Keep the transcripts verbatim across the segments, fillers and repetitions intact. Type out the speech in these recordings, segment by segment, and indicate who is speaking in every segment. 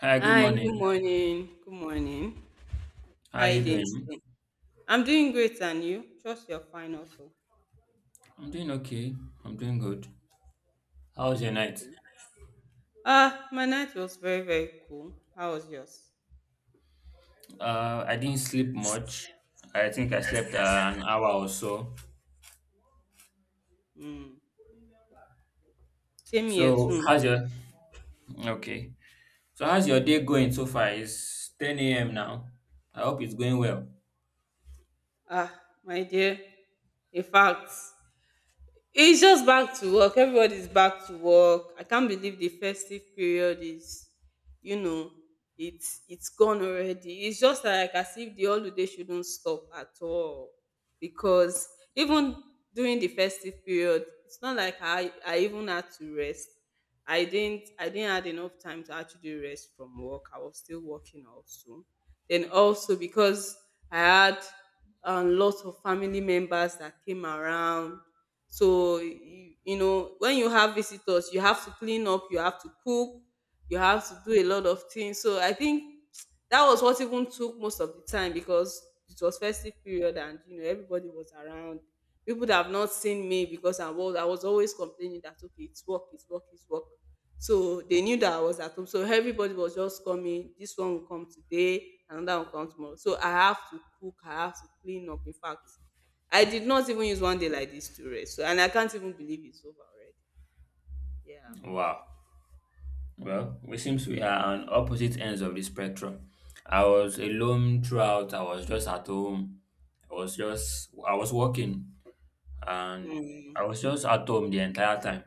Speaker 1: Hi, good
Speaker 2: Hi, good
Speaker 1: morning.
Speaker 2: morning. Good morning.
Speaker 1: How
Speaker 2: How are
Speaker 1: are
Speaker 2: you
Speaker 1: you
Speaker 2: doing
Speaker 1: doing?
Speaker 2: today? I'm doing great, and you? Trust you're fine also.
Speaker 1: I'm doing okay. I'm doing good. How was your
Speaker 2: Mm.
Speaker 1: night?
Speaker 2: Ah, my night was very, very cool. How was yours?
Speaker 1: Uh, I didn't sleep much. I think I slept uh, an hour or so.
Speaker 2: Mm. Same here
Speaker 1: So,
Speaker 2: too.
Speaker 1: how's your okay? So, how's your day going so far? It's ten a m now. I hope it's going well.
Speaker 2: Ah, my dear. In fact, it's just back to work. Everybody's back to work. I can't believe the festive period is, you know, it's it's gone already. It's just like as if the holiday shouldn't stop at all. Because even during the festive period, it's not like I, I even had to rest. I didn't I didn't had enough time to actually rest from work. I was still working also. Then also because I had a lot of family members that came around, so you, you know, when you have visitors, you have to clean up, you have to cook, you have to do a lot of things. So I think that was what even took most of the time because it was festive period and you know everybody was around. People that have not seen me because I was I was always complaining that, okay, it's work, it's work, it's work. So they knew that I was at home. So everybody was just coming. This one will come today, another will come tomorrow. So I have to cook, I have to clean up. In fact, I did not even use one day like this to rest. So, and I can't even believe it's over already. Yeah.
Speaker 1: Wow. Well, we seems we are on opposite ends of the spectrum. I was alone throughout. I was just at home. I was just I was working and I
Speaker 2: Mm.
Speaker 1: was just at home the entire time.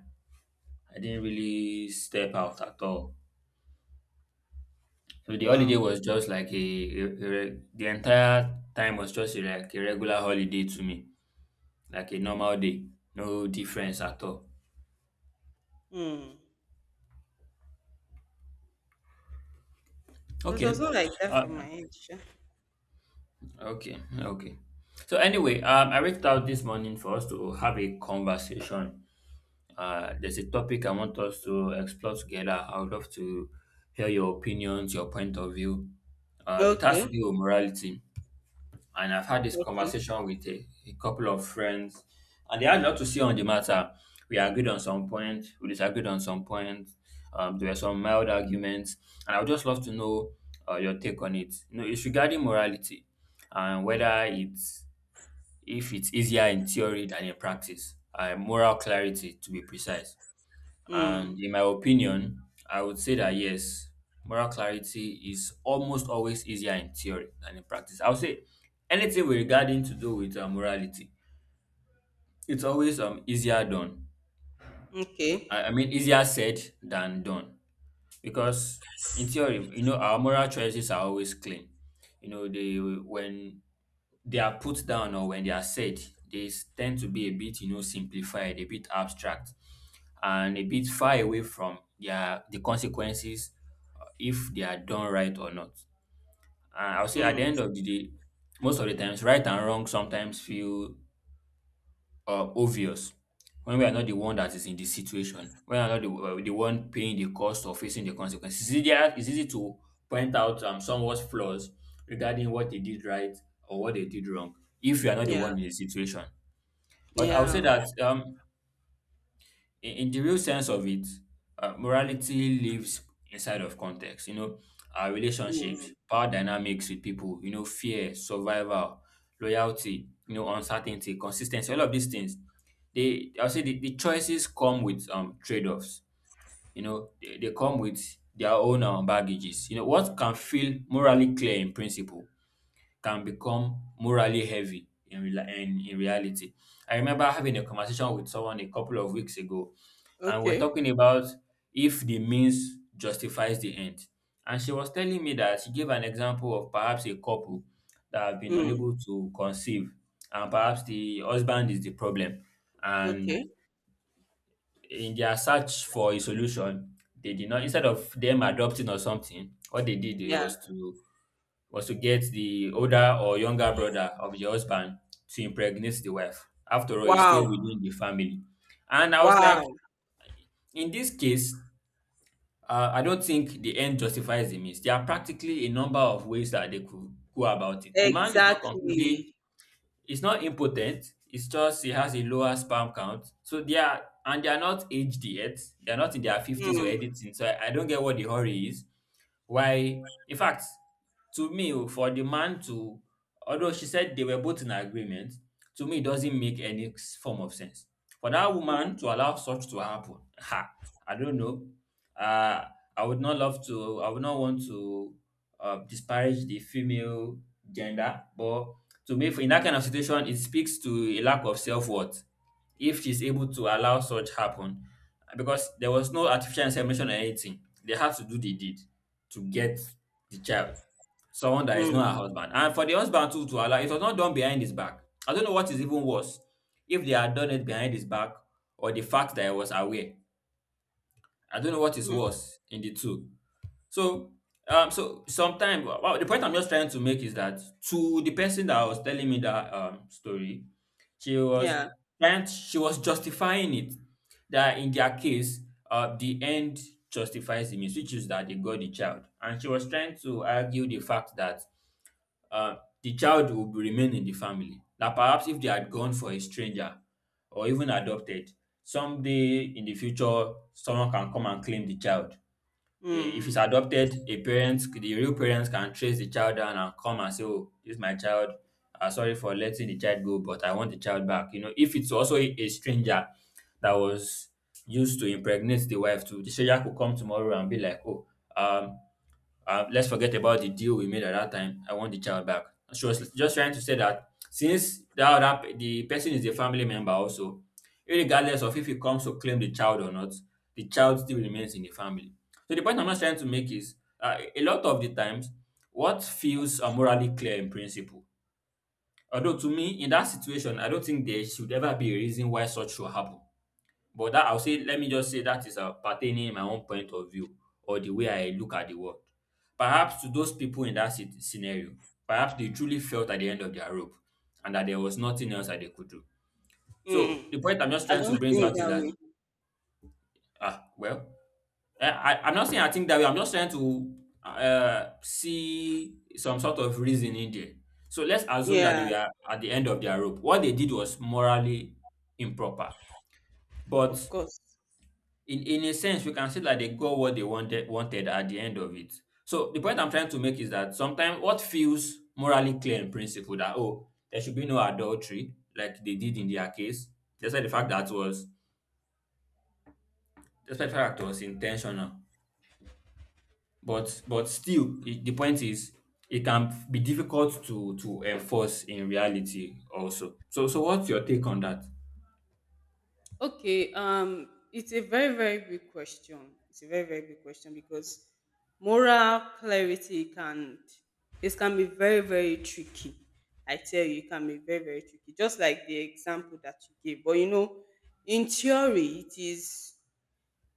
Speaker 1: I didn't really step out at all. So the
Speaker 2: Wow.
Speaker 1: holiday was just like a, a, a re- the entire time was just a, like a regular holiday to me, like a normal day, no difference at all.
Speaker 2: Mm. It was
Speaker 1: Okay,
Speaker 2: not like that from my
Speaker 1: uh,
Speaker 2: end, sha.
Speaker 1: okay, okay. So anyway, um, I reached out this morning for us to have a conversation. Uh, there's a topic I want us to explore together. I would love to hear your opinions, your point of view. Uh, it has to
Speaker 2: Okay.
Speaker 1: do with morality, and I've had this
Speaker 2: Okay.
Speaker 1: conversation with a, a couple of friends, and they had a lot to say on the matter. We agreed on some point, we disagreed on some point. Um, there were some mild arguments, and I would just love to know uh, your take on it. You know, it's regarding morality and whether it's if it's easier in theory than in practice. Uh, moral clarity, to be precise. And
Speaker 2: Mm.
Speaker 1: in my opinion, I would say that yes, moral clarity is almost always easier in theory than in practice. I would say anything with regarding to do with uh, morality, it's always um easier done.
Speaker 2: Okay.
Speaker 1: I, I mean easier said than done because in theory, you know, our moral choices are always clean. You know, they when they are put down or when they are said, they s- tend to be a bit, you know, simplified, a bit abstract, and a bit far away from their the consequences if they are done right or not. And I'll say at the
Speaker 2: Mm.
Speaker 1: end of the day, most of the times, right and wrong sometimes feel uh, obvious when we are not the one that is in the situation, when we are not the, uh, the one paying the cost or facing the consequences. It's easier, it's easy to point out um, someone's flaws regarding what they did right or what they did wrong if you are not the
Speaker 2: Yeah.
Speaker 1: one in the situation. But I would say
Speaker 2: Yeah.
Speaker 1: that um, in, in the real sense of it, uh, morality lives inside of context. You know, our relationships,
Speaker 2: Mm.
Speaker 1: power dynamics with people, you know, fear, survival, loyalty, you know, uncertainty, consistency, all of these things. They, I'll say the, the choices come with um trade offs. You know, they, they come with their own um, baggages. You know, what can feel morally clear in principle can become morally heavy in, rela- in, in reality. I remember having a conversation with someone a couple of weeks ago, and we're
Speaker 2: Okay.
Speaker 1: talking about if the means justifies the end. And she was telling me that she gave an example of perhaps a couple that have been
Speaker 2: Mm.
Speaker 1: unable to conceive, and perhaps the husband is the problem. And
Speaker 2: Okay.
Speaker 1: in their search for a solution, they did not, instead of them adopting or something, what they did
Speaker 2: Yeah.
Speaker 1: was to was to get the older or younger brother of the husband to impregnate the wife. After all, it's still
Speaker 2: Wow.
Speaker 1: within the family. And I was like,
Speaker 2: Wow.
Speaker 1: in this case, uh, I don't think the end justifies the means. There are practically a number of ways that they could go about it. The man is not completely,
Speaker 2: Exactly.
Speaker 1: it's not impotent. It's just he has a lower sperm count. So they are, and they are not aged yet. They are not in their fifties or
Speaker 2: Mm.
Speaker 1: anything. So I, I don't get what the hurry is. Why, in fact, to me, oh, for the man to, although she said they were both in agreement, to me, it doesn't make any s- form of sense. For that
Speaker 2: Mm.
Speaker 1: woman to allow such to happen, ha, I don't know. Uh, I would not love to, I would not want to uh, disparage the female gender, but to me, for- in that kind of situation, it speaks to a lack of self worth if she's able to allow such happen because there was no artificial insemination or anything. They have to do the deed to get the child, someone that is not
Speaker 2: Mm.
Speaker 1: her husband. And for the husband too to allow, it was not done behind his back. I don't know what is even worse, if they had done it behind his back or the fact that I was aware. I don't know what is
Speaker 2: Mm.
Speaker 1: worse in the two. So, um, so sometimes well, the point I'm just trying to make is that to the person that was telling me that um story, she was
Speaker 2: Yeah.
Speaker 1: trying, she was justifying it that in their case, uh, the end justifies the means, which is that they got the child, and she was trying to argue the fact that uh, the child would remain in the family. That perhaps if they had gone for a stranger or even adopted, someday in the future, someone can come and claim the child. Eh, if it's
Speaker 2: Mm.
Speaker 1: adopted, a parent, the real parents can trace the child down and come and say, "Oh, this is my child. Uh, sorry for letting the child go, but I want the child back." You know, if it's also a, a stranger that was used to impregnate the wife, too, the stranger could come tomorrow and be like, "Oh, um, uh, let's forget about the deal we made at that time. I want the child back." She was just trying to say that since that, that pe- the person is a family member also, regardless of if he comes to claim the child or not, the child still remains in the family. So the point I'm just trying to make is, uh, a lot of the times, what feels uh, morally clear in principle. Although to me, in that situation, I don't think there should ever be a reason why such should happen. But that I'll say, let me just say that is uh, pertaining my own point of view or the way I look at the world. Perhaps to those people in that sit- scenario, perhaps they truly felt at the end of their rope and that there was nothing else that they could do. So the
Speaker 2: Mm.
Speaker 1: point I'm just
Speaker 2: I
Speaker 1: trying to
Speaker 2: don't
Speaker 1: bring
Speaker 2: think
Speaker 1: out is
Speaker 2: that
Speaker 1: that,
Speaker 2: way.
Speaker 1: ah, well, I, I- I'm not saying I think that way. I'm just trying to uh, see some sort of reason in there. So let's assume that they
Speaker 2: Yeah.
Speaker 1: were at the end of their rope. What they did was morally improper. But
Speaker 2: Of course.
Speaker 1: in in a sense, we can say that they got what they wanted wanted at the end of it. So the point I'm trying to make is that sometimes what feels morally clear in principle, that oh, there should be no adultery like they did in their case, despite the fact that was despite the fact that was intentional, but but still it, the point is it can be difficult to to enforce in reality also. So, so what's your take on that?
Speaker 2: Okay, um, it's a very, very big question. It's a very, very big question because moral clarity can, it can be very, very tricky. I tell you, it can be very, very tricky. Just like the example that you gave. But you know, in theory, it is,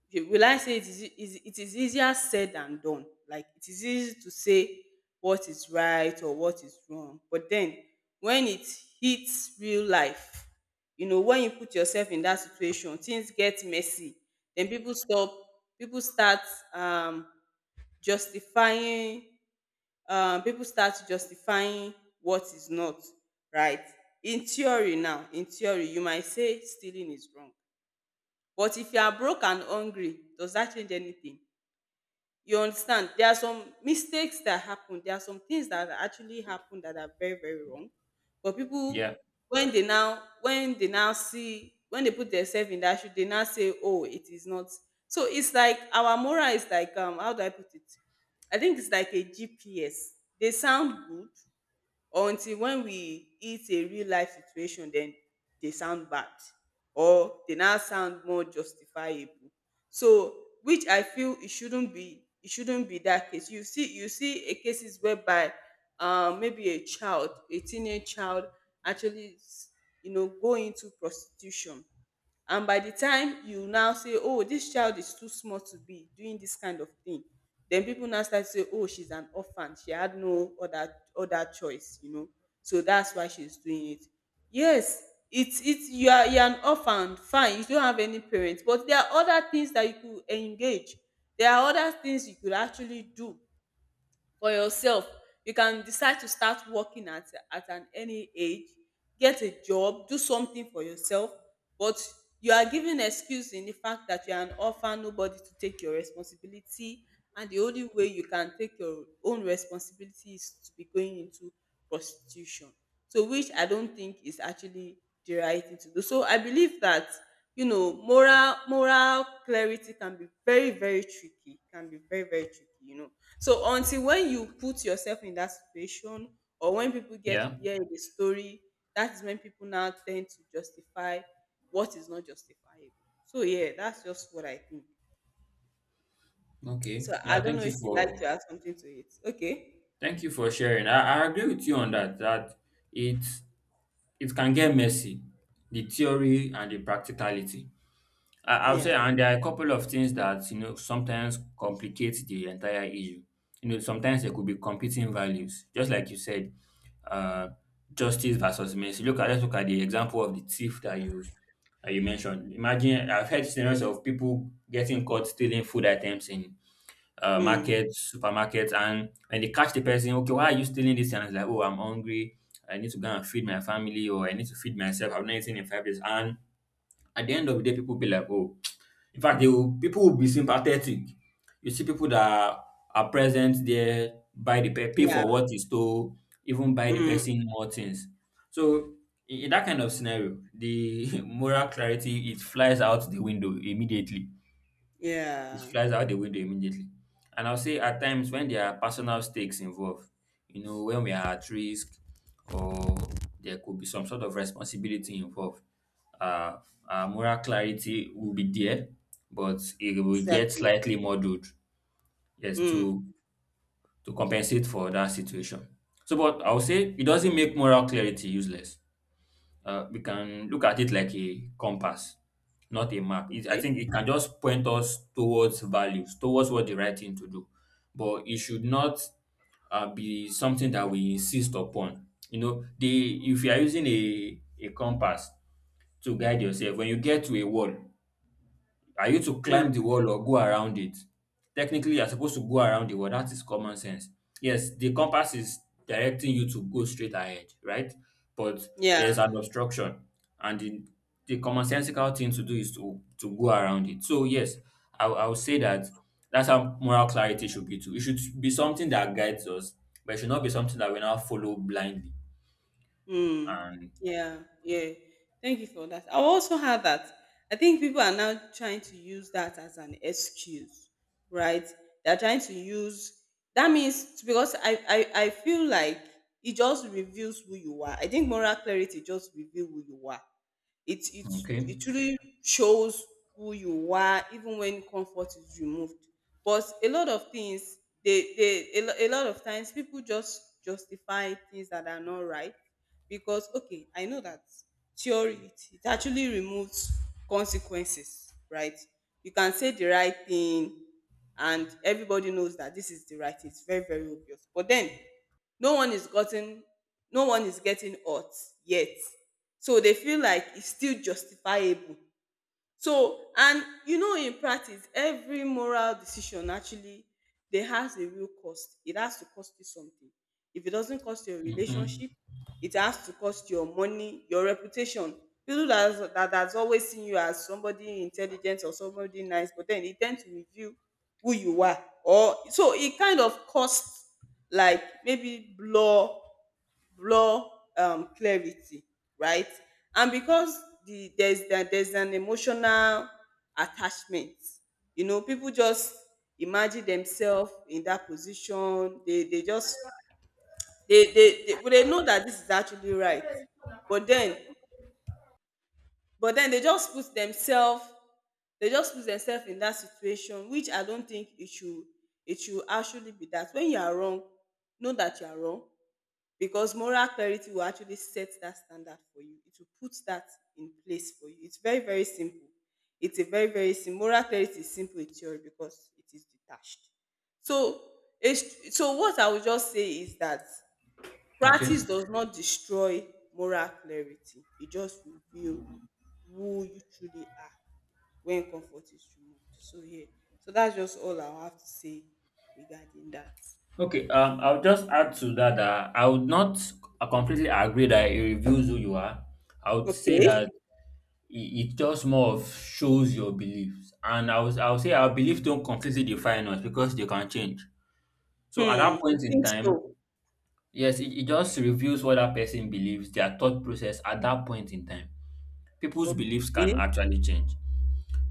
Speaker 2: okay, will I say it is, e, is it is easier said than done? Like, it is easy to say what is right or what is wrong, but then when it hits real life, you know, when you put yourself in that situation, things get messy. Then people stop, people start um, justifying, um, people start justifying what is not right. In theory, now, in theory, you might say stealing is wrong, but if you are broke and hungry, does that change anything? You understand, there are some mistakes that happen, there are some things that actually happen that are very, very wrong, but people
Speaker 1: Yeah,
Speaker 2: when they now, when they now see, when they put themselves in that shoe, they now say, oh, it is not. So it's like our moral is like, um how do I put it? I think it's like a G P S. They sound good, or until when we hit a real life situation, then they sound bad, or they now sound more justifiable. So, which I feel it shouldn't be, it shouldn't be that case. You see, you see a cases whereby, um maybe a child, a teenage child actually, s- you know, go into prostitution, and by the time you now say, oh, this child is too small to be doing this kind of thing, then people now start to say, oh, she's an orphan, she had no other other choice, you know, so that's why she's doing it. Yes, it's it's you are, you're an orphan, fine, you don't have any parents, but there are other things that you could engage, there are other things you could actually do for yourself. You can decide to start working at, at an any age, get a job, do something for yourself. But you are giving excuse in the fact that you are an orphan, nobody to take your responsibility, and the only way you can take your own responsibility is to be going into prostitution. So, which I don't think is actually the right thing to do. So I believe that, you know, moral moral clarity can be very, very tricky, can be very, very tricky, you know. So until when you put yourself in that situation, or when people get to
Speaker 1: yeah.
Speaker 2: hear the story, that is when people now tend to justify what is not justifiable. So yeah, that's just what I think.
Speaker 1: Okay,
Speaker 2: So I
Speaker 1: yeah,
Speaker 2: don't know
Speaker 1: thank you
Speaker 2: if you'd like to
Speaker 1: for
Speaker 2: add something to it. Okay.
Speaker 1: thank you for sharing. I, I agree with you on that. That it it can get messy, the theory and the practicality. I, I'll say,
Speaker 2: Yeah.
Speaker 1: and there are a couple of things that you know sometimes complicate the entire issue. You know, sometimes there could be competing values, just like you said, uh, justice versus mercy. Look at let's look at the example of the thief that you that you mentioned. Imagine I've heard scenarios of people getting caught stealing food items in uh,
Speaker 2: Mm.
Speaker 1: markets, supermarkets, and when they catch the person, okay, why are you stealing this? And it's like, oh, I'm hungry. I need to go and feed my family, or I need to feed myself. I've not eaten in five days. And at the end of the day, people be like, oh, in fact, they will, people will be sympathetic. You see people that are present there, buy the pe- pay
Speaker 2: Yeah.
Speaker 1: for what is stole, even buy the
Speaker 2: Mm.
Speaker 1: person more things. So in in that kind of scenario, the moral clarity it flies out the window immediately, it
Speaker 2: Yeah.
Speaker 1: flies out the window immediately. And I'll say at times when there are personal stakes involved, you know, when we are at risk or there could be some sort of responsibility involved, uh, our moral clarity will be there, but it will get
Speaker 2: Exactly.
Speaker 1: slightly muddled, yes,
Speaker 2: Mm.
Speaker 1: to to compensate for that situation. So, but I'll say it doesn't make moral clarity useless. uh, we can look at it like a compass, not a map. It, I
Speaker 2: Okay.
Speaker 1: think it can just point us towards values, towards what the right thing to do. But it should not uh, be something that we insist upon. You know, the If you are using a, a compass to guide yourself, when you get to a wall, are you to climb the
Speaker 2: Mm.
Speaker 1: wall or go around it? Technically, you're supposed to go around the wall. That is common sense. Yes, the compass is directing you to go straight ahead, right? But
Speaker 2: Yeah.
Speaker 1: there's an obstruction, and the, the commonsensical thing to do is to, to go around it. So, yes, I, I would say that that's how moral clarity should be too. It should be something that guides us, but it should not be something that we now follow blindly.
Speaker 2: Mm.
Speaker 1: And
Speaker 2: Yeah, yeah. Thank you for that. I also had that. I think people are now trying to use that as an excuse, right? They're trying to use that means because I, I I feel like it just reveals who you are. I think moral clarity just reveals who you are. It it
Speaker 1: okay,
Speaker 2: it truly shows who you are even when comfort is removed. But a lot of things, they they a, lo- a lot of times people just justify things that are not right because, okay, I know that theory, it, it actually removes consequences, right? You can say the right thing, and everybody knows that this is the right thing. It's very, very obvious, but then no one is gotten no one is getting hurt yet, so they feel like it's still justifiable. So, and you know, in practice, every moral decision actually dey has a real cost. It has to cost you something. If it doesn't cost your
Speaker 1: mm-hmm.
Speaker 2: relationship, it has to cost your money, your reputation. People that has- that has always seen you as somebody intelligent or somebody nice, but then it tend to reveal who you are. Or so it kind of costs, like, maybe blur, blur um clarity, right? And because the there's that there's an emotional attachment, you know, people just imagine themselves in that position, they they just, they they they, well, they know that this is actually right, but then, but then they just put themselves, they just put themselves in that situation, which I don't think it should. It should actually be that when you are wrong, know that you are wrong, because moral clarity will actually set that standard for you. It will put that in place for you. It's very, very simple. It's a very, very simple, moral clarity is simple in theory because it is detached. So, it's so what I would just say is that practice
Speaker 1: Okay.
Speaker 2: does not destroy moral clarity. It just reveals who you truly are when comfort is removed. So yeah. So that's just all I have to say regarding that.
Speaker 1: Okay, um, I'll just add to that that I would not uh, completely agree that it reveals who you are. I would say that
Speaker 2: Okay.
Speaker 1: it, it just more of shows your beliefs, and I was I would say our beliefs don't completely define us because they can change.
Speaker 2: Hmm.
Speaker 1: So at that
Speaker 2: You
Speaker 1: point in
Speaker 2: think
Speaker 1: time,
Speaker 2: so?
Speaker 1: yes, it, it just reveals what that person believes, their thought process at that point in time. People's beliefs can
Speaker 2: Okay.
Speaker 1: actually change.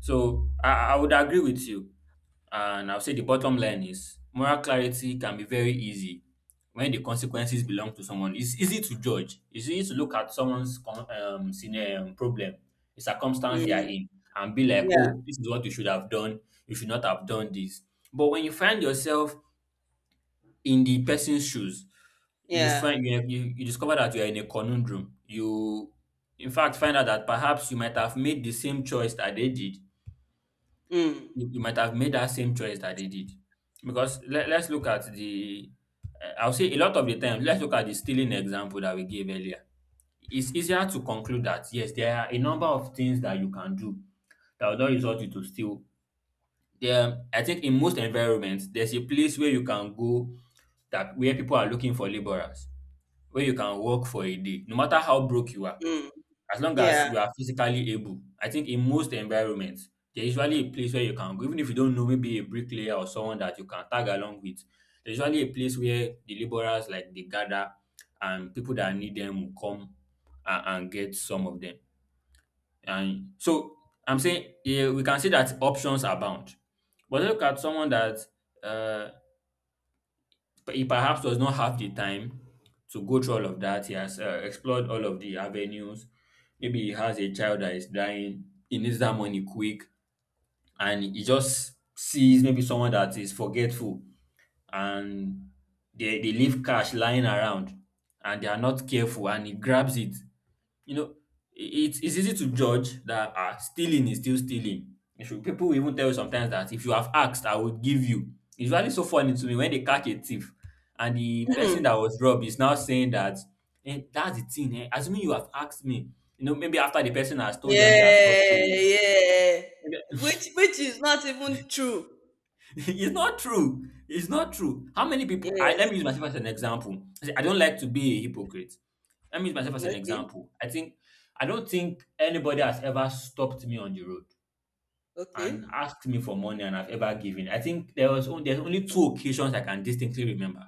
Speaker 1: So I, I would agree with you. And I'll say the bottom line is moral clarity can be very easy when the consequences belong to someone. It's easy to judge. It's easy to look at someone's con- um, scenario, um, problem, the circumstance they are
Speaker 2: Mm,
Speaker 1: in, and be like,
Speaker 2: yeah,
Speaker 1: oh, this is what you should have done. You should not have done this. But when you find yourself in the person's shoes, you
Speaker 2: yeah.
Speaker 1: find you, you, you discover that you are in a conundrum. You, in fact, find out that perhaps you might have made the same choice that they did,
Speaker 2: Mm,
Speaker 1: you, you might have made that same choice that they did. Because let, let's look at the, uh, I'll say a lot of the time, let's look at the stealing example that we gave earlier. It's easier to conclude that, yes, there are a number of things that you can do that will not result you to steal. There, I think in most environments, there's a place where you can go that where people are looking for laborers, where you can work for a day, no matter how broke you are
Speaker 2: mm,
Speaker 1: as long as
Speaker 2: yeah.
Speaker 1: you are physically able. I think in most environments, there's usually a place where you can go, even if you don't know, maybe a bricklayer or someone that you can tag along with. There's usually a place where the laborers like they gather and people that need them will come and, and get some of them. And so I'm saying yeah, we can see that options abound. But look at someone that uh, but he perhaps does not have the time to go through all of that. He has uh, explored all of the avenues. Maybe he has a child that is dying. He needs that money quick, and he just sees maybe someone that is forgetful, and they they leave cash lying around, and they are not careful, and he grabs it, you know, it, it's easy to judge that ah, stealing is still stealing. You should, people will even tell you sometimes that if you have asked, I would give you. It's really so funny to me when they catch a thief and the
Speaker 2: Mhm.
Speaker 1: person that was robbed is now saying that, eh, that's the thing, eh? Assuming you have asked me, you know, maybe after the person has told them their sob
Speaker 2: Yeah,
Speaker 1: story.
Speaker 2: yeah. Which which is not even true.
Speaker 1: It's not true. It's not true. How many people? I
Speaker 2: Yes.
Speaker 1: Let me use myself as an example. I say, I don't like to be a hypocrite. Let me use myself as an
Speaker 2: Okay.
Speaker 1: example. I think I don't think anybody has ever stopped me on the road and
Speaker 2: Okay.
Speaker 1: asked me for money and I've ever given. I think there was only, there's only two occasions I can distinctly remember.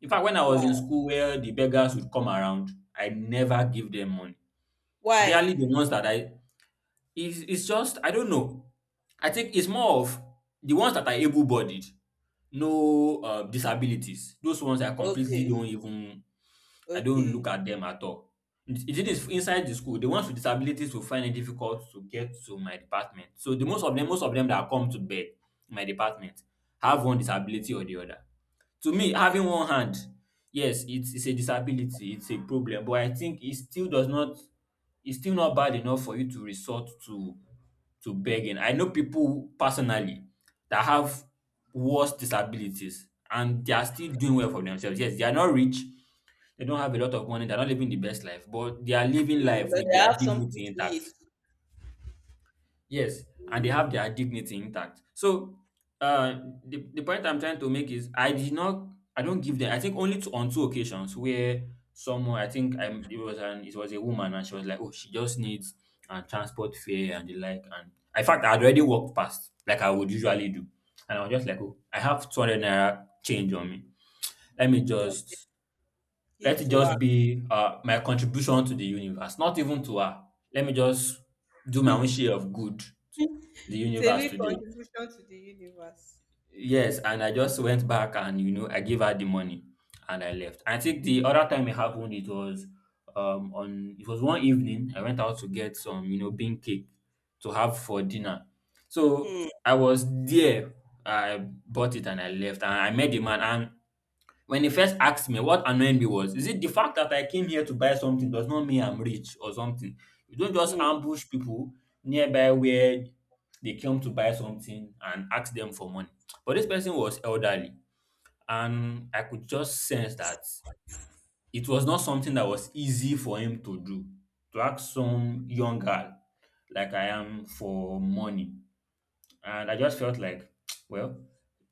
Speaker 1: In fact, when I was in
Speaker 2: Why?
Speaker 1: school where the beggars would come around, I never give them money.
Speaker 2: Why?
Speaker 1: Especially the ones that I It's, it's just, I don't know. I think it's more of the ones that are able bodied, no uh, disabilities. Those ones I completely
Speaker 2: Okay.
Speaker 1: don't even, I don't
Speaker 2: Okay.
Speaker 1: look at them at all. It it is inside the school. The ones with disabilities will find it difficult to get to my department. So the most of them, most of them that come to bed, my department, have one disability or the other. To me,
Speaker 2: Okay.
Speaker 1: having one hand, yes, it's it's a disability, it's a problem, but I think it still does not, it's still not bad enough for you to resort to to begging. I know people personally that have worse disabilities and they are still doing well for themselves. Yes, they are not rich, they don't have a lot of money, they're not living the best life, but they are living
Speaker 2: Mm,
Speaker 1: life
Speaker 2: but
Speaker 1: with
Speaker 2: they
Speaker 1: their
Speaker 2: have something
Speaker 1: dignity
Speaker 2: to eat.
Speaker 1: intact. Yes, and they
Speaker 2: Mm,
Speaker 1: have their dignity intact. So uh, the, the point I'm trying to make is I did not I don't give them. I think only to, on two occasions where someone, I think I it was an, it was a woman and she was like, oh, she just needs uh, transport fare and the like, and in fact I had already walked past like I would usually do. And I was just like, oh, I have two hundred naira change on me. Let me
Speaker 2: okay.
Speaker 1: just let
Speaker 2: Give
Speaker 1: it
Speaker 2: to her.
Speaker 1: just be uh, my contribution to the universe, not even to her. Let me just do my own share of good to the
Speaker 2: It's a
Speaker 1: universe
Speaker 2: real
Speaker 1: today.
Speaker 2: contribution to the universe.
Speaker 1: Yes, and I just went back and you know I gave her the money and I left. I think the other time it happened it was, um on it was one evening I went out to get some, you know, bean cake to have for dinner. So
Speaker 2: Mm,
Speaker 1: I was there. I bought it and I left and I met the man, and when he first asked me, what annoyed me was, is it the fact that I came here to buy something does not mean I'm rich or something? You don't just
Speaker 2: mm,
Speaker 1: ambush people nearby where they came to buy something and ask them for money. But this person was elderly, and I could just sense that it was not something that was easy for him to do, to ask some young girl like I am for money. And I just felt like, well,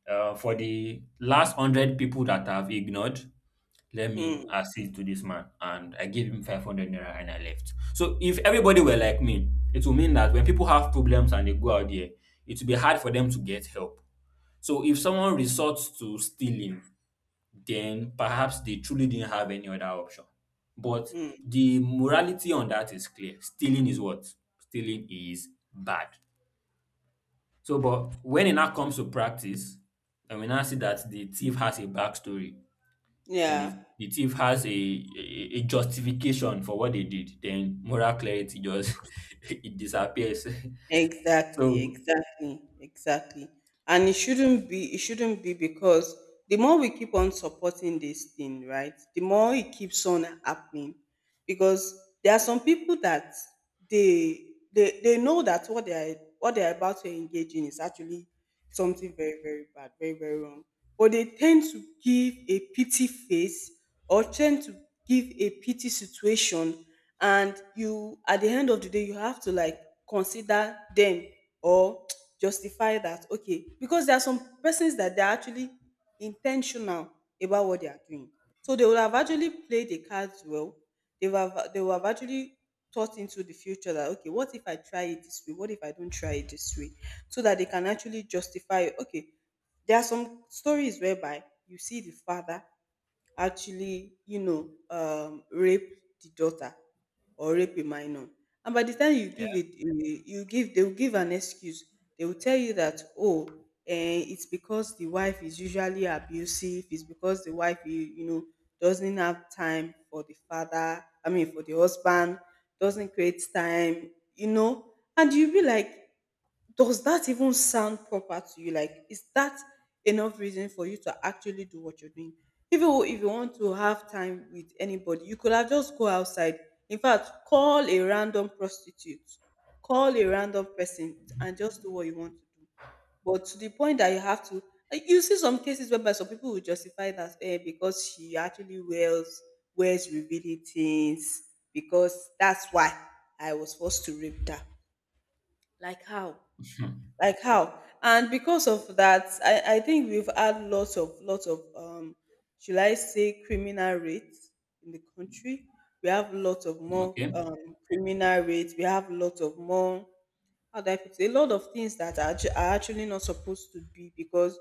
Speaker 1: uh, for the last hundred people that I've ignored, let me
Speaker 2: mm,
Speaker 1: assist to this man. And I gave him five hundred naira and I left. So if everybody were like me, it will mean that when people have problems and they go out there, it will be hard for them to get help. So if someone resorts to stealing, then perhaps they truly didn't have any other option. But
Speaker 2: mm.
Speaker 1: the morality on that is clear. Stealing is what? Stealing is bad. So, but when it now comes to practice, and we now see that the thief has a backstory and
Speaker 2: Yeah.
Speaker 1: the, the thief has a, a, a justification for what they did, then moral clarity just it disappears.
Speaker 2: Exactly,
Speaker 1: So
Speaker 2: exactly, exactly. And it shouldn't be, it shouldn't be, because the more we keep on supporting this thing, right, the more it keeps on happening. Because there are some people that they they, they know that what they are, what they are about to engage in is actually something very, very bad, very, very wrong. But they tend to give a pity face, or tend to give a pity situation, and you at the end of the day you have to, like, consider them, or justify that, okay, because there are some persons that they're actually intentional about what they are doing. So they will have actually played the cards well. They would have they will have actually thought into the future that, okay, what if I try it this way, what if I don't try it this way, so that they can actually justify. Okay, there are some stories whereby you see the father actually, you know, um, rape the daughter or rape a minor. And by the time you
Speaker 1: yeah.
Speaker 2: give it, you you give, they will give an excuse. They will tell you that, oh, eh, it's because the wife is usually abusive. It's because the wife, you, you know, doesn't have time for the father. I mean, for the husband, doesn't create time, you know. And you be like, does that even sound proper to you? Like, is that enough reason for you to actually do what you're doing? Even if you if you want to have time with anybody, you could have just go outside. In fact, call a random prostitute, call a random person, and just do what you want to do. But to the point that you have to, like, you see some cases whereby some people will justify that, eh, because she actually wears, wears revealing things, because that's why I was forced to rape her. Like how?
Speaker 1: Mhm.
Speaker 2: Like how? And because of that i i think we've had lots of lots of um should I say criminal rates in the country. We have lots of more
Speaker 1: Okay,
Speaker 2: um criminal rates, we have lots of more, how do I put it, a lot of things that are, actu- are actually not supposed to be. Because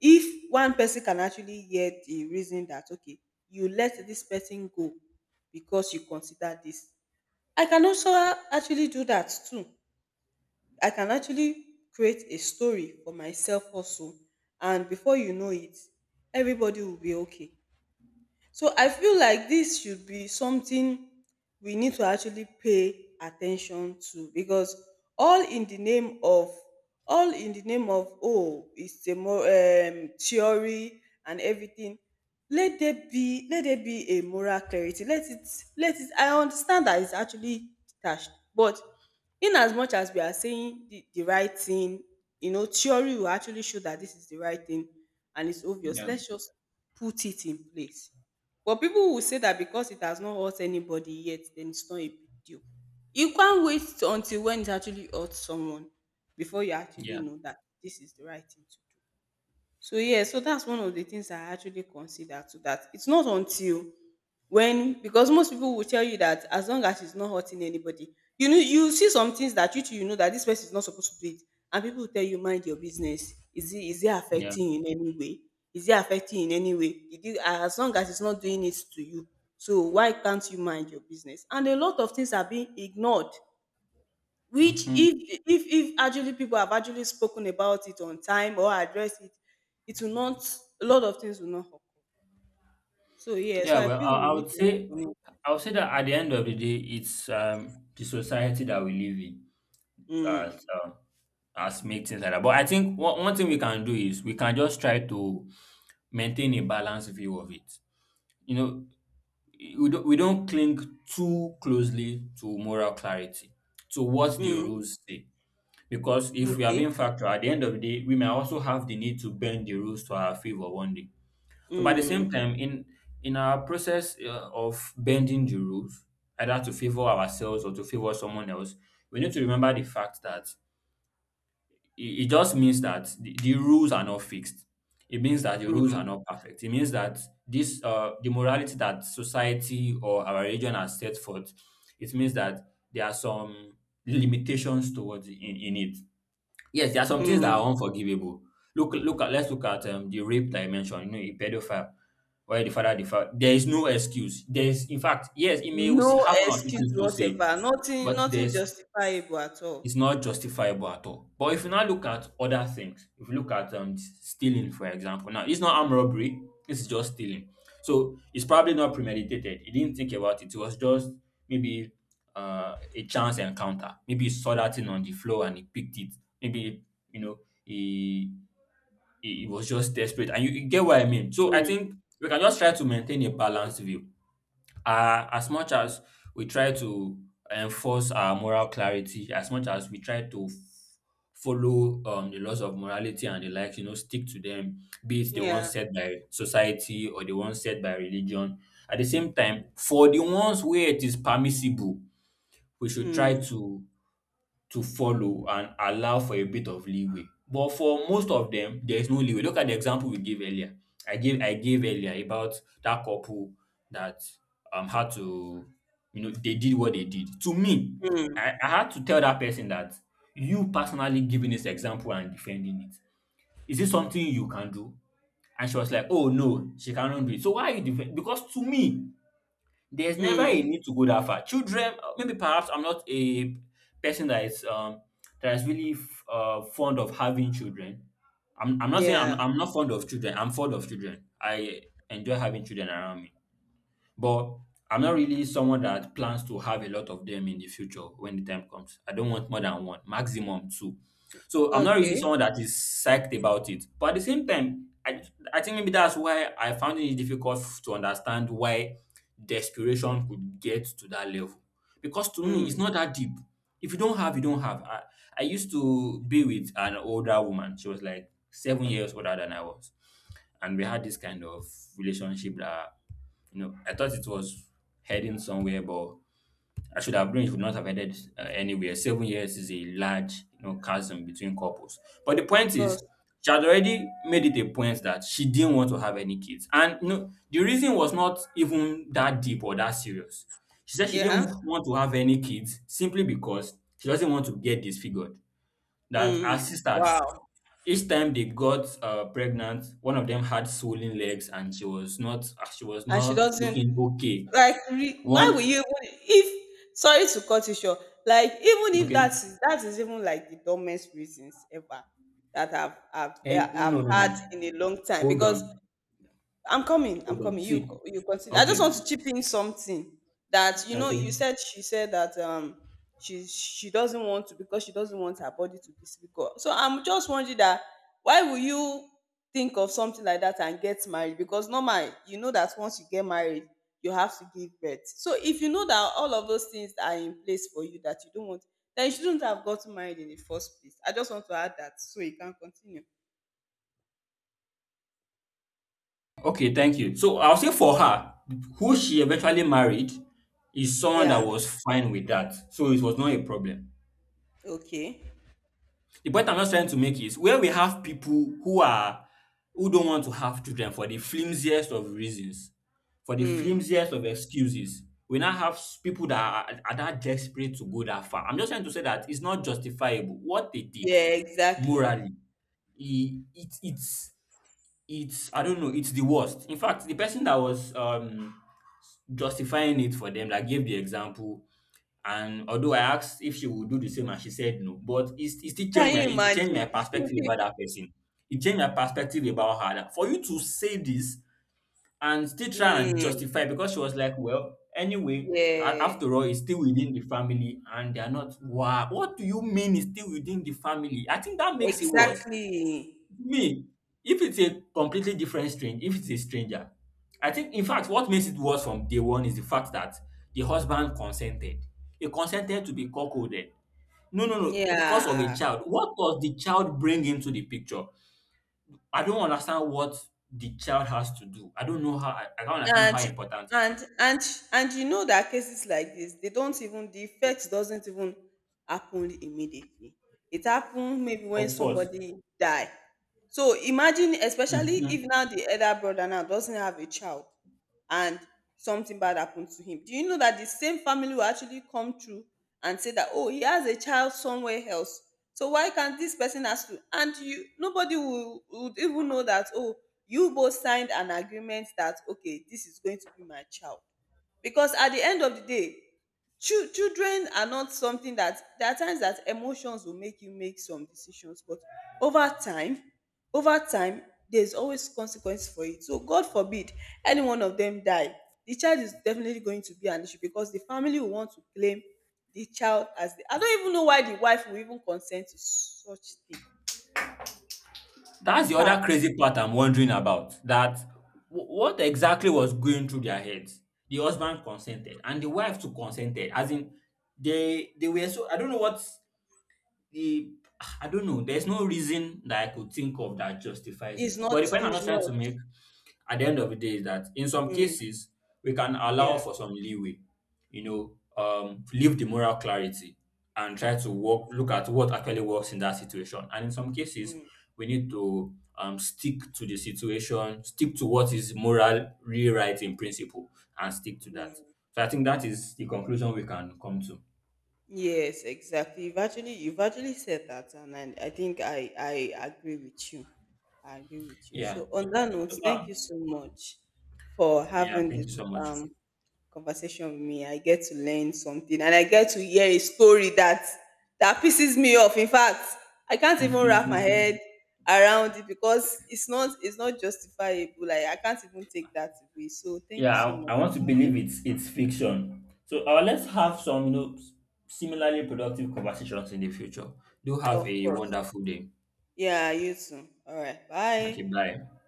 Speaker 2: if one person can actually hear the reason that, okay, you let this person go because you consider this, I can also actually do that too. I can actually create a story for myself also, and before you know it everybody will be okay. So I feel like this should be something we need to actually pay attention to, because all in the name of, all in the name of, oh it's a more um, theory and everything. Let there be, let there be a moral clarity. Let it let it. I understand that it's actually detached, but in as much as we are saying the, the right thing, you know, theory will actually show that this is the right thing, and it's obvious.
Speaker 1: yeah,
Speaker 2: Let's just put it in place. But people will say that because it has not hurt anybody yet, then it's not a big deal. You can't wait until when it actually hurts someone before you actually
Speaker 1: yeah,
Speaker 2: know that this is the right thing to do. So yeah, so that's one of the things I actually consider to that. It's not until when, because most people will tell you that as long as it's not hurting anybody, you know, you see some things that you too, you know, that this person is not supposed to do it, and people will tell you mind your business. Is it is it
Speaker 1: yeah,
Speaker 2: affecting you in any way? Is it affecting you in any way? Did you, as long as it's not doing it to you, so why can't you mind your business? And a lot of things are being ignored, which
Speaker 1: hmm,
Speaker 2: if if if actually people have actually spoken about it on time or addressed it, it will not a lot of things will not occur. So yeah,
Speaker 1: yeah.
Speaker 2: so I
Speaker 1: Well,
Speaker 2: feel
Speaker 1: I,
Speaker 2: we
Speaker 1: I
Speaker 2: need
Speaker 1: would
Speaker 2: to work
Speaker 1: say
Speaker 2: on it.
Speaker 1: I would say that at the end of the day, it's um, the society that we live in
Speaker 2: Mm,
Speaker 1: that um, has made things like that. But I think one, one thing we can do is we can just try to maintain a balanced view of it. You know, we don't, we don't cling too closely to moral clarity, to what the
Speaker 2: mm,
Speaker 1: rules say. Because if we are
Speaker 2: okay.
Speaker 1: being factual, at the end of the day, we may also have the need to bend the rules to our favor one day. So, by the same
Speaker 2: Mm,
Speaker 1: time, in in our process uh, of bending the rules, either to favor ourselves or to favor someone else, we need to remember the fact that it, it just means that the, the rules are not fixed. It means that the rules are
Speaker 2: mm,
Speaker 1: not perfect. It means that this uh, the morality that society or our religion has set forth. It means that there are some limitations towards in, in it. Yes, there are some things that are
Speaker 2: mm.
Speaker 1: unforgivable. Look, look at, let's look at um, the rape that I mentioned. You know, a pedophile, where the father, the father. There is no excuse. There is, in fact, yes, he may
Speaker 2: No
Speaker 1: have one or two things
Speaker 2: excuse
Speaker 1: to say,
Speaker 2: whatever. Nothing
Speaker 1: but
Speaker 2: nothing
Speaker 1: there's,
Speaker 2: justifiable at all.
Speaker 1: it's not justifiable at all. But if you now look at other things, if you look at um, stealing, for example, now it's not armed robbery, it's just stealing. So it's probably not premeditated. He didn't think about it. It was just maybe uh, a chance encounter. Maybe he saw that thing on the floor and he picked it. Maybe, you know, he, he, he was just desperate. And you, you get what I mean. So I
Speaker 2: Mm,
Speaker 1: think we can just try to maintain a balanced view, uh, as much as we try to enforce our moral clarity, as much as we try to f- follow um, the laws of morality and the likes, you know, stick to them, be it the
Speaker 2: yeah.
Speaker 1: ones set by society or the ones set by religion. At the same time, for the ones where it is permissible, we should try
Speaker 2: Mm,
Speaker 1: to to follow and allow for a bit of leeway. But for most of them, there is no leeway. Look at the example we gave earlier. I gave I gave earlier about that couple that um had to, you know, they did what they did. To me, I,
Speaker 2: mm,
Speaker 1: I had to tell that person that you personally giving this example and defending it. Is it something you can do? And she was like, oh no, she cannot do it. So why are you defend? Because to me, there's never
Speaker 2: mm.
Speaker 1: a need to go that far. Children, uh, maybe perhaps I'm not a person that is um that is really f- uh, fond of having children. I'm, I'm not saying I'm,
Speaker 2: Yeah.
Speaker 1: I'm not fond of children. I'm fond of children. I enjoy having children around me. But I'm not really someone that plans to have a lot of them in the future when the time comes. I don't want more than one, maximum two. So I'm not really
Speaker 2: Okay.
Speaker 1: someone that is psyched about it. But at the same time, I, I think maybe that's why I found it difficult to understand why desperation could get to that level. Because to me, it's
Speaker 2: Mm,
Speaker 1: not that deep. If you don't have, you don't have. I, I used to be with an older woman. She was like seven years older than I was, and we had this kind of relationship that you know I thought it was heading somewhere, but I should have known it would not have headed uh, anywhere. Seven years is a large you know chasm between couples. But the
Speaker 2: of
Speaker 1: point is,
Speaker 2: course.
Speaker 1: she had already made it a point that she didn't want to have any kids, and you know the reason was not even that deep or that serious. She said she didn't
Speaker 2: Yeah.
Speaker 1: want to have any kids simply because she doesn't want to get disfigured. That her
Speaker 2: Mm,
Speaker 1: sisters,
Speaker 2: wow.
Speaker 1: each time they got uh, pregnant, one of them had swollen legs, and she was not uh, she was
Speaker 2: And she
Speaker 1: not
Speaker 2: doesn't,
Speaker 1: looking okay.
Speaker 2: like, re, why will you,
Speaker 1: One.
Speaker 2: even if, sorry to cut you short, like even if
Speaker 1: Okay,
Speaker 2: that is, that is even like the dumbest reasons ever that I've I've
Speaker 1: and
Speaker 2: eh, I've
Speaker 1: no, no, no,
Speaker 2: had in a long time,
Speaker 1: hold on,
Speaker 2: because I'm coming. I'm
Speaker 1: hold on,
Speaker 2: coming. You
Speaker 1: see.
Speaker 2: co- you continue. I
Speaker 1: Okay.
Speaker 2: just want to chip in something that, you know. You
Speaker 1: Okay,
Speaker 2: said she said that um she she doesn't want to, because she doesn't want her body to be difficult. So I'm just wondering that why will you think of something like that and get married? Because normal, you know that once you get married, you have to give birth. So if you know that all of those things are in place for you that you don't want, then you shouldn't have gotten married in the first place. I just want to add that so you can continue.
Speaker 1: okay, thank you. So I'll say for her who she eventually married is someone that
Speaker 2: Yeah.
Speaker 1: was fine with that, so it was not a problem.
Speaker 2: Okay.
Speaker 1: The point I'm just trying to make is where we have people who are who don't want to have children for the flimsiest of reasons, for the
Speaker 2: Mm.
Speaker 1: flimsiest of excuses. We now have s- people that are, are that desperate to go that far. I'm just trying to say that it's not justifiable what they did
Speaker 2: Yeah, exactly.
Speaker 1: morally. It It, it's it's I don't know. It's the worst. In fact, the person that was um, justifying it for them that gave the example, and although I asked if she would do the same and she said no, but it, it still changed
Speaker 2: Can
Speaker 1: my
Speaker 2: you
Speaker 1: it changed
Speaker 2: imagine?
Speaker 1: my perspective about that person. It changed my perspective about her. That for you to say this and still try and
Speaker 2: Mm,
Speaker 1: justify, because she was like, well, anyway, a-
Speaker 2: yeah,
Speaker 1: after all, it's still within the family, and they are not. Wow, what do you mean? It's still within the family? I think that makes it worse.
Speaker 2: exactly.
Speaker 1: Me, if it's a completely different strange, if it's a stranger, I think in fact what makes it worse from day one is the fact that the husband consented. He consented to be cuckolded. No, no, no, because of a
Speaker 2: Yeah.
Speaker 1: child. What does the child bring into the picture? I don't understand what the child has to do. I don't know how I, I don't understand
Speaker 2: and
Speaker 1: how important it
Speaker 2: and
Speaker 1: is.
Speaker 2: and and you know that cases like this, they don't even, the effect doesn't even happen immediately, it happen maybe when
Speaker 1: Of course.
Speaker 2: somebody die. So imagine, especially
Speaker 1: Mhm.
Speaker 2: if now the elder brother now doesn't have a child and something bad happen to him, do you know that the same family will actually come through and say that, oh, he has a child somewhere else, so why can't this person has to. And you, nobody will would even know that, oh, you both signed an agreement that, okay, this is going to be my child. Because at the end of the day, chil children are not something that, there are times that emotions will make you make some decisions, but over time, over time, there's always consequence for it. So god forbid any one of them die, the child is definitely going to be an issue because the family will want to claim the child as the, I don't even know why the wife will even consent to such thing. In
Speaker 1: That's the
Speaker 2: fact,
Speaker 1: other crazy part I'm wondering about. That w- what exactly was going through their heads? The husband consented, and the wife too consented. As in, they they were, so I don't know what the I don't know. There's no reason that I could think of that justifies
Speaker 2: it's
Speaker 1: it. But
Speaker 2: not
Speaker 1: the point I'm
Speaker 2: it's
Speaker 1: not trying
Speaker 2: not
Speaker 1: to make at the end of the day is that in some
Speaker 2: mm,
Speaker 1: cases we can allow
Speaker 2: yeah.
Speaker 1: for some leeway, you know um leave the moral clarity and try to work look at what actually works in that situation, and in some cases
Speaker 2: Mm,
Speaker 1: we need to um stick to the situation, stick to what is moral rewrite in principle, and stick to that. So I think that is the conclusion we can come to,
Speaker 2: yes, exactly. You've actually, you've actually said that, and I, I think I I agree with you. I agree with you.
Speaker 1: yeah.
Speaker 2: So on that note,
Speaker 1: So
Speaker 2: thank you so much for
Speaker 1: yeah,
Speaker 2: having
Speaker 1: thank
Speaker 2: this
Speaker 1: you so much.
Speaker 2: um conversation with me. I get to learn something, and I get to hear a story that, that pisses me off. In fact, I can't even wrap my head around it, because it's not it's not justifiable. Like I can't even take that away. So thank you so
Speaker 1: Yeah,
Speaker 2: much
Speaker 1: I, I want
Speaker 2: for
Speaker 1: to believe
Speaker 2: having.
Speaker 1: it's it's fiction. So, uh, let's have some, you know, s- similarly productive conversations in the future. Do have
Speaker 2: Of
Speaker 1: a
Speaker 2: course.
Speaker 1: wonderful day.
Speaker 2: Yeah, you too. All right.
Speaker 1: Okay,
Speaker 2: Bye.
Speaker 1: bye.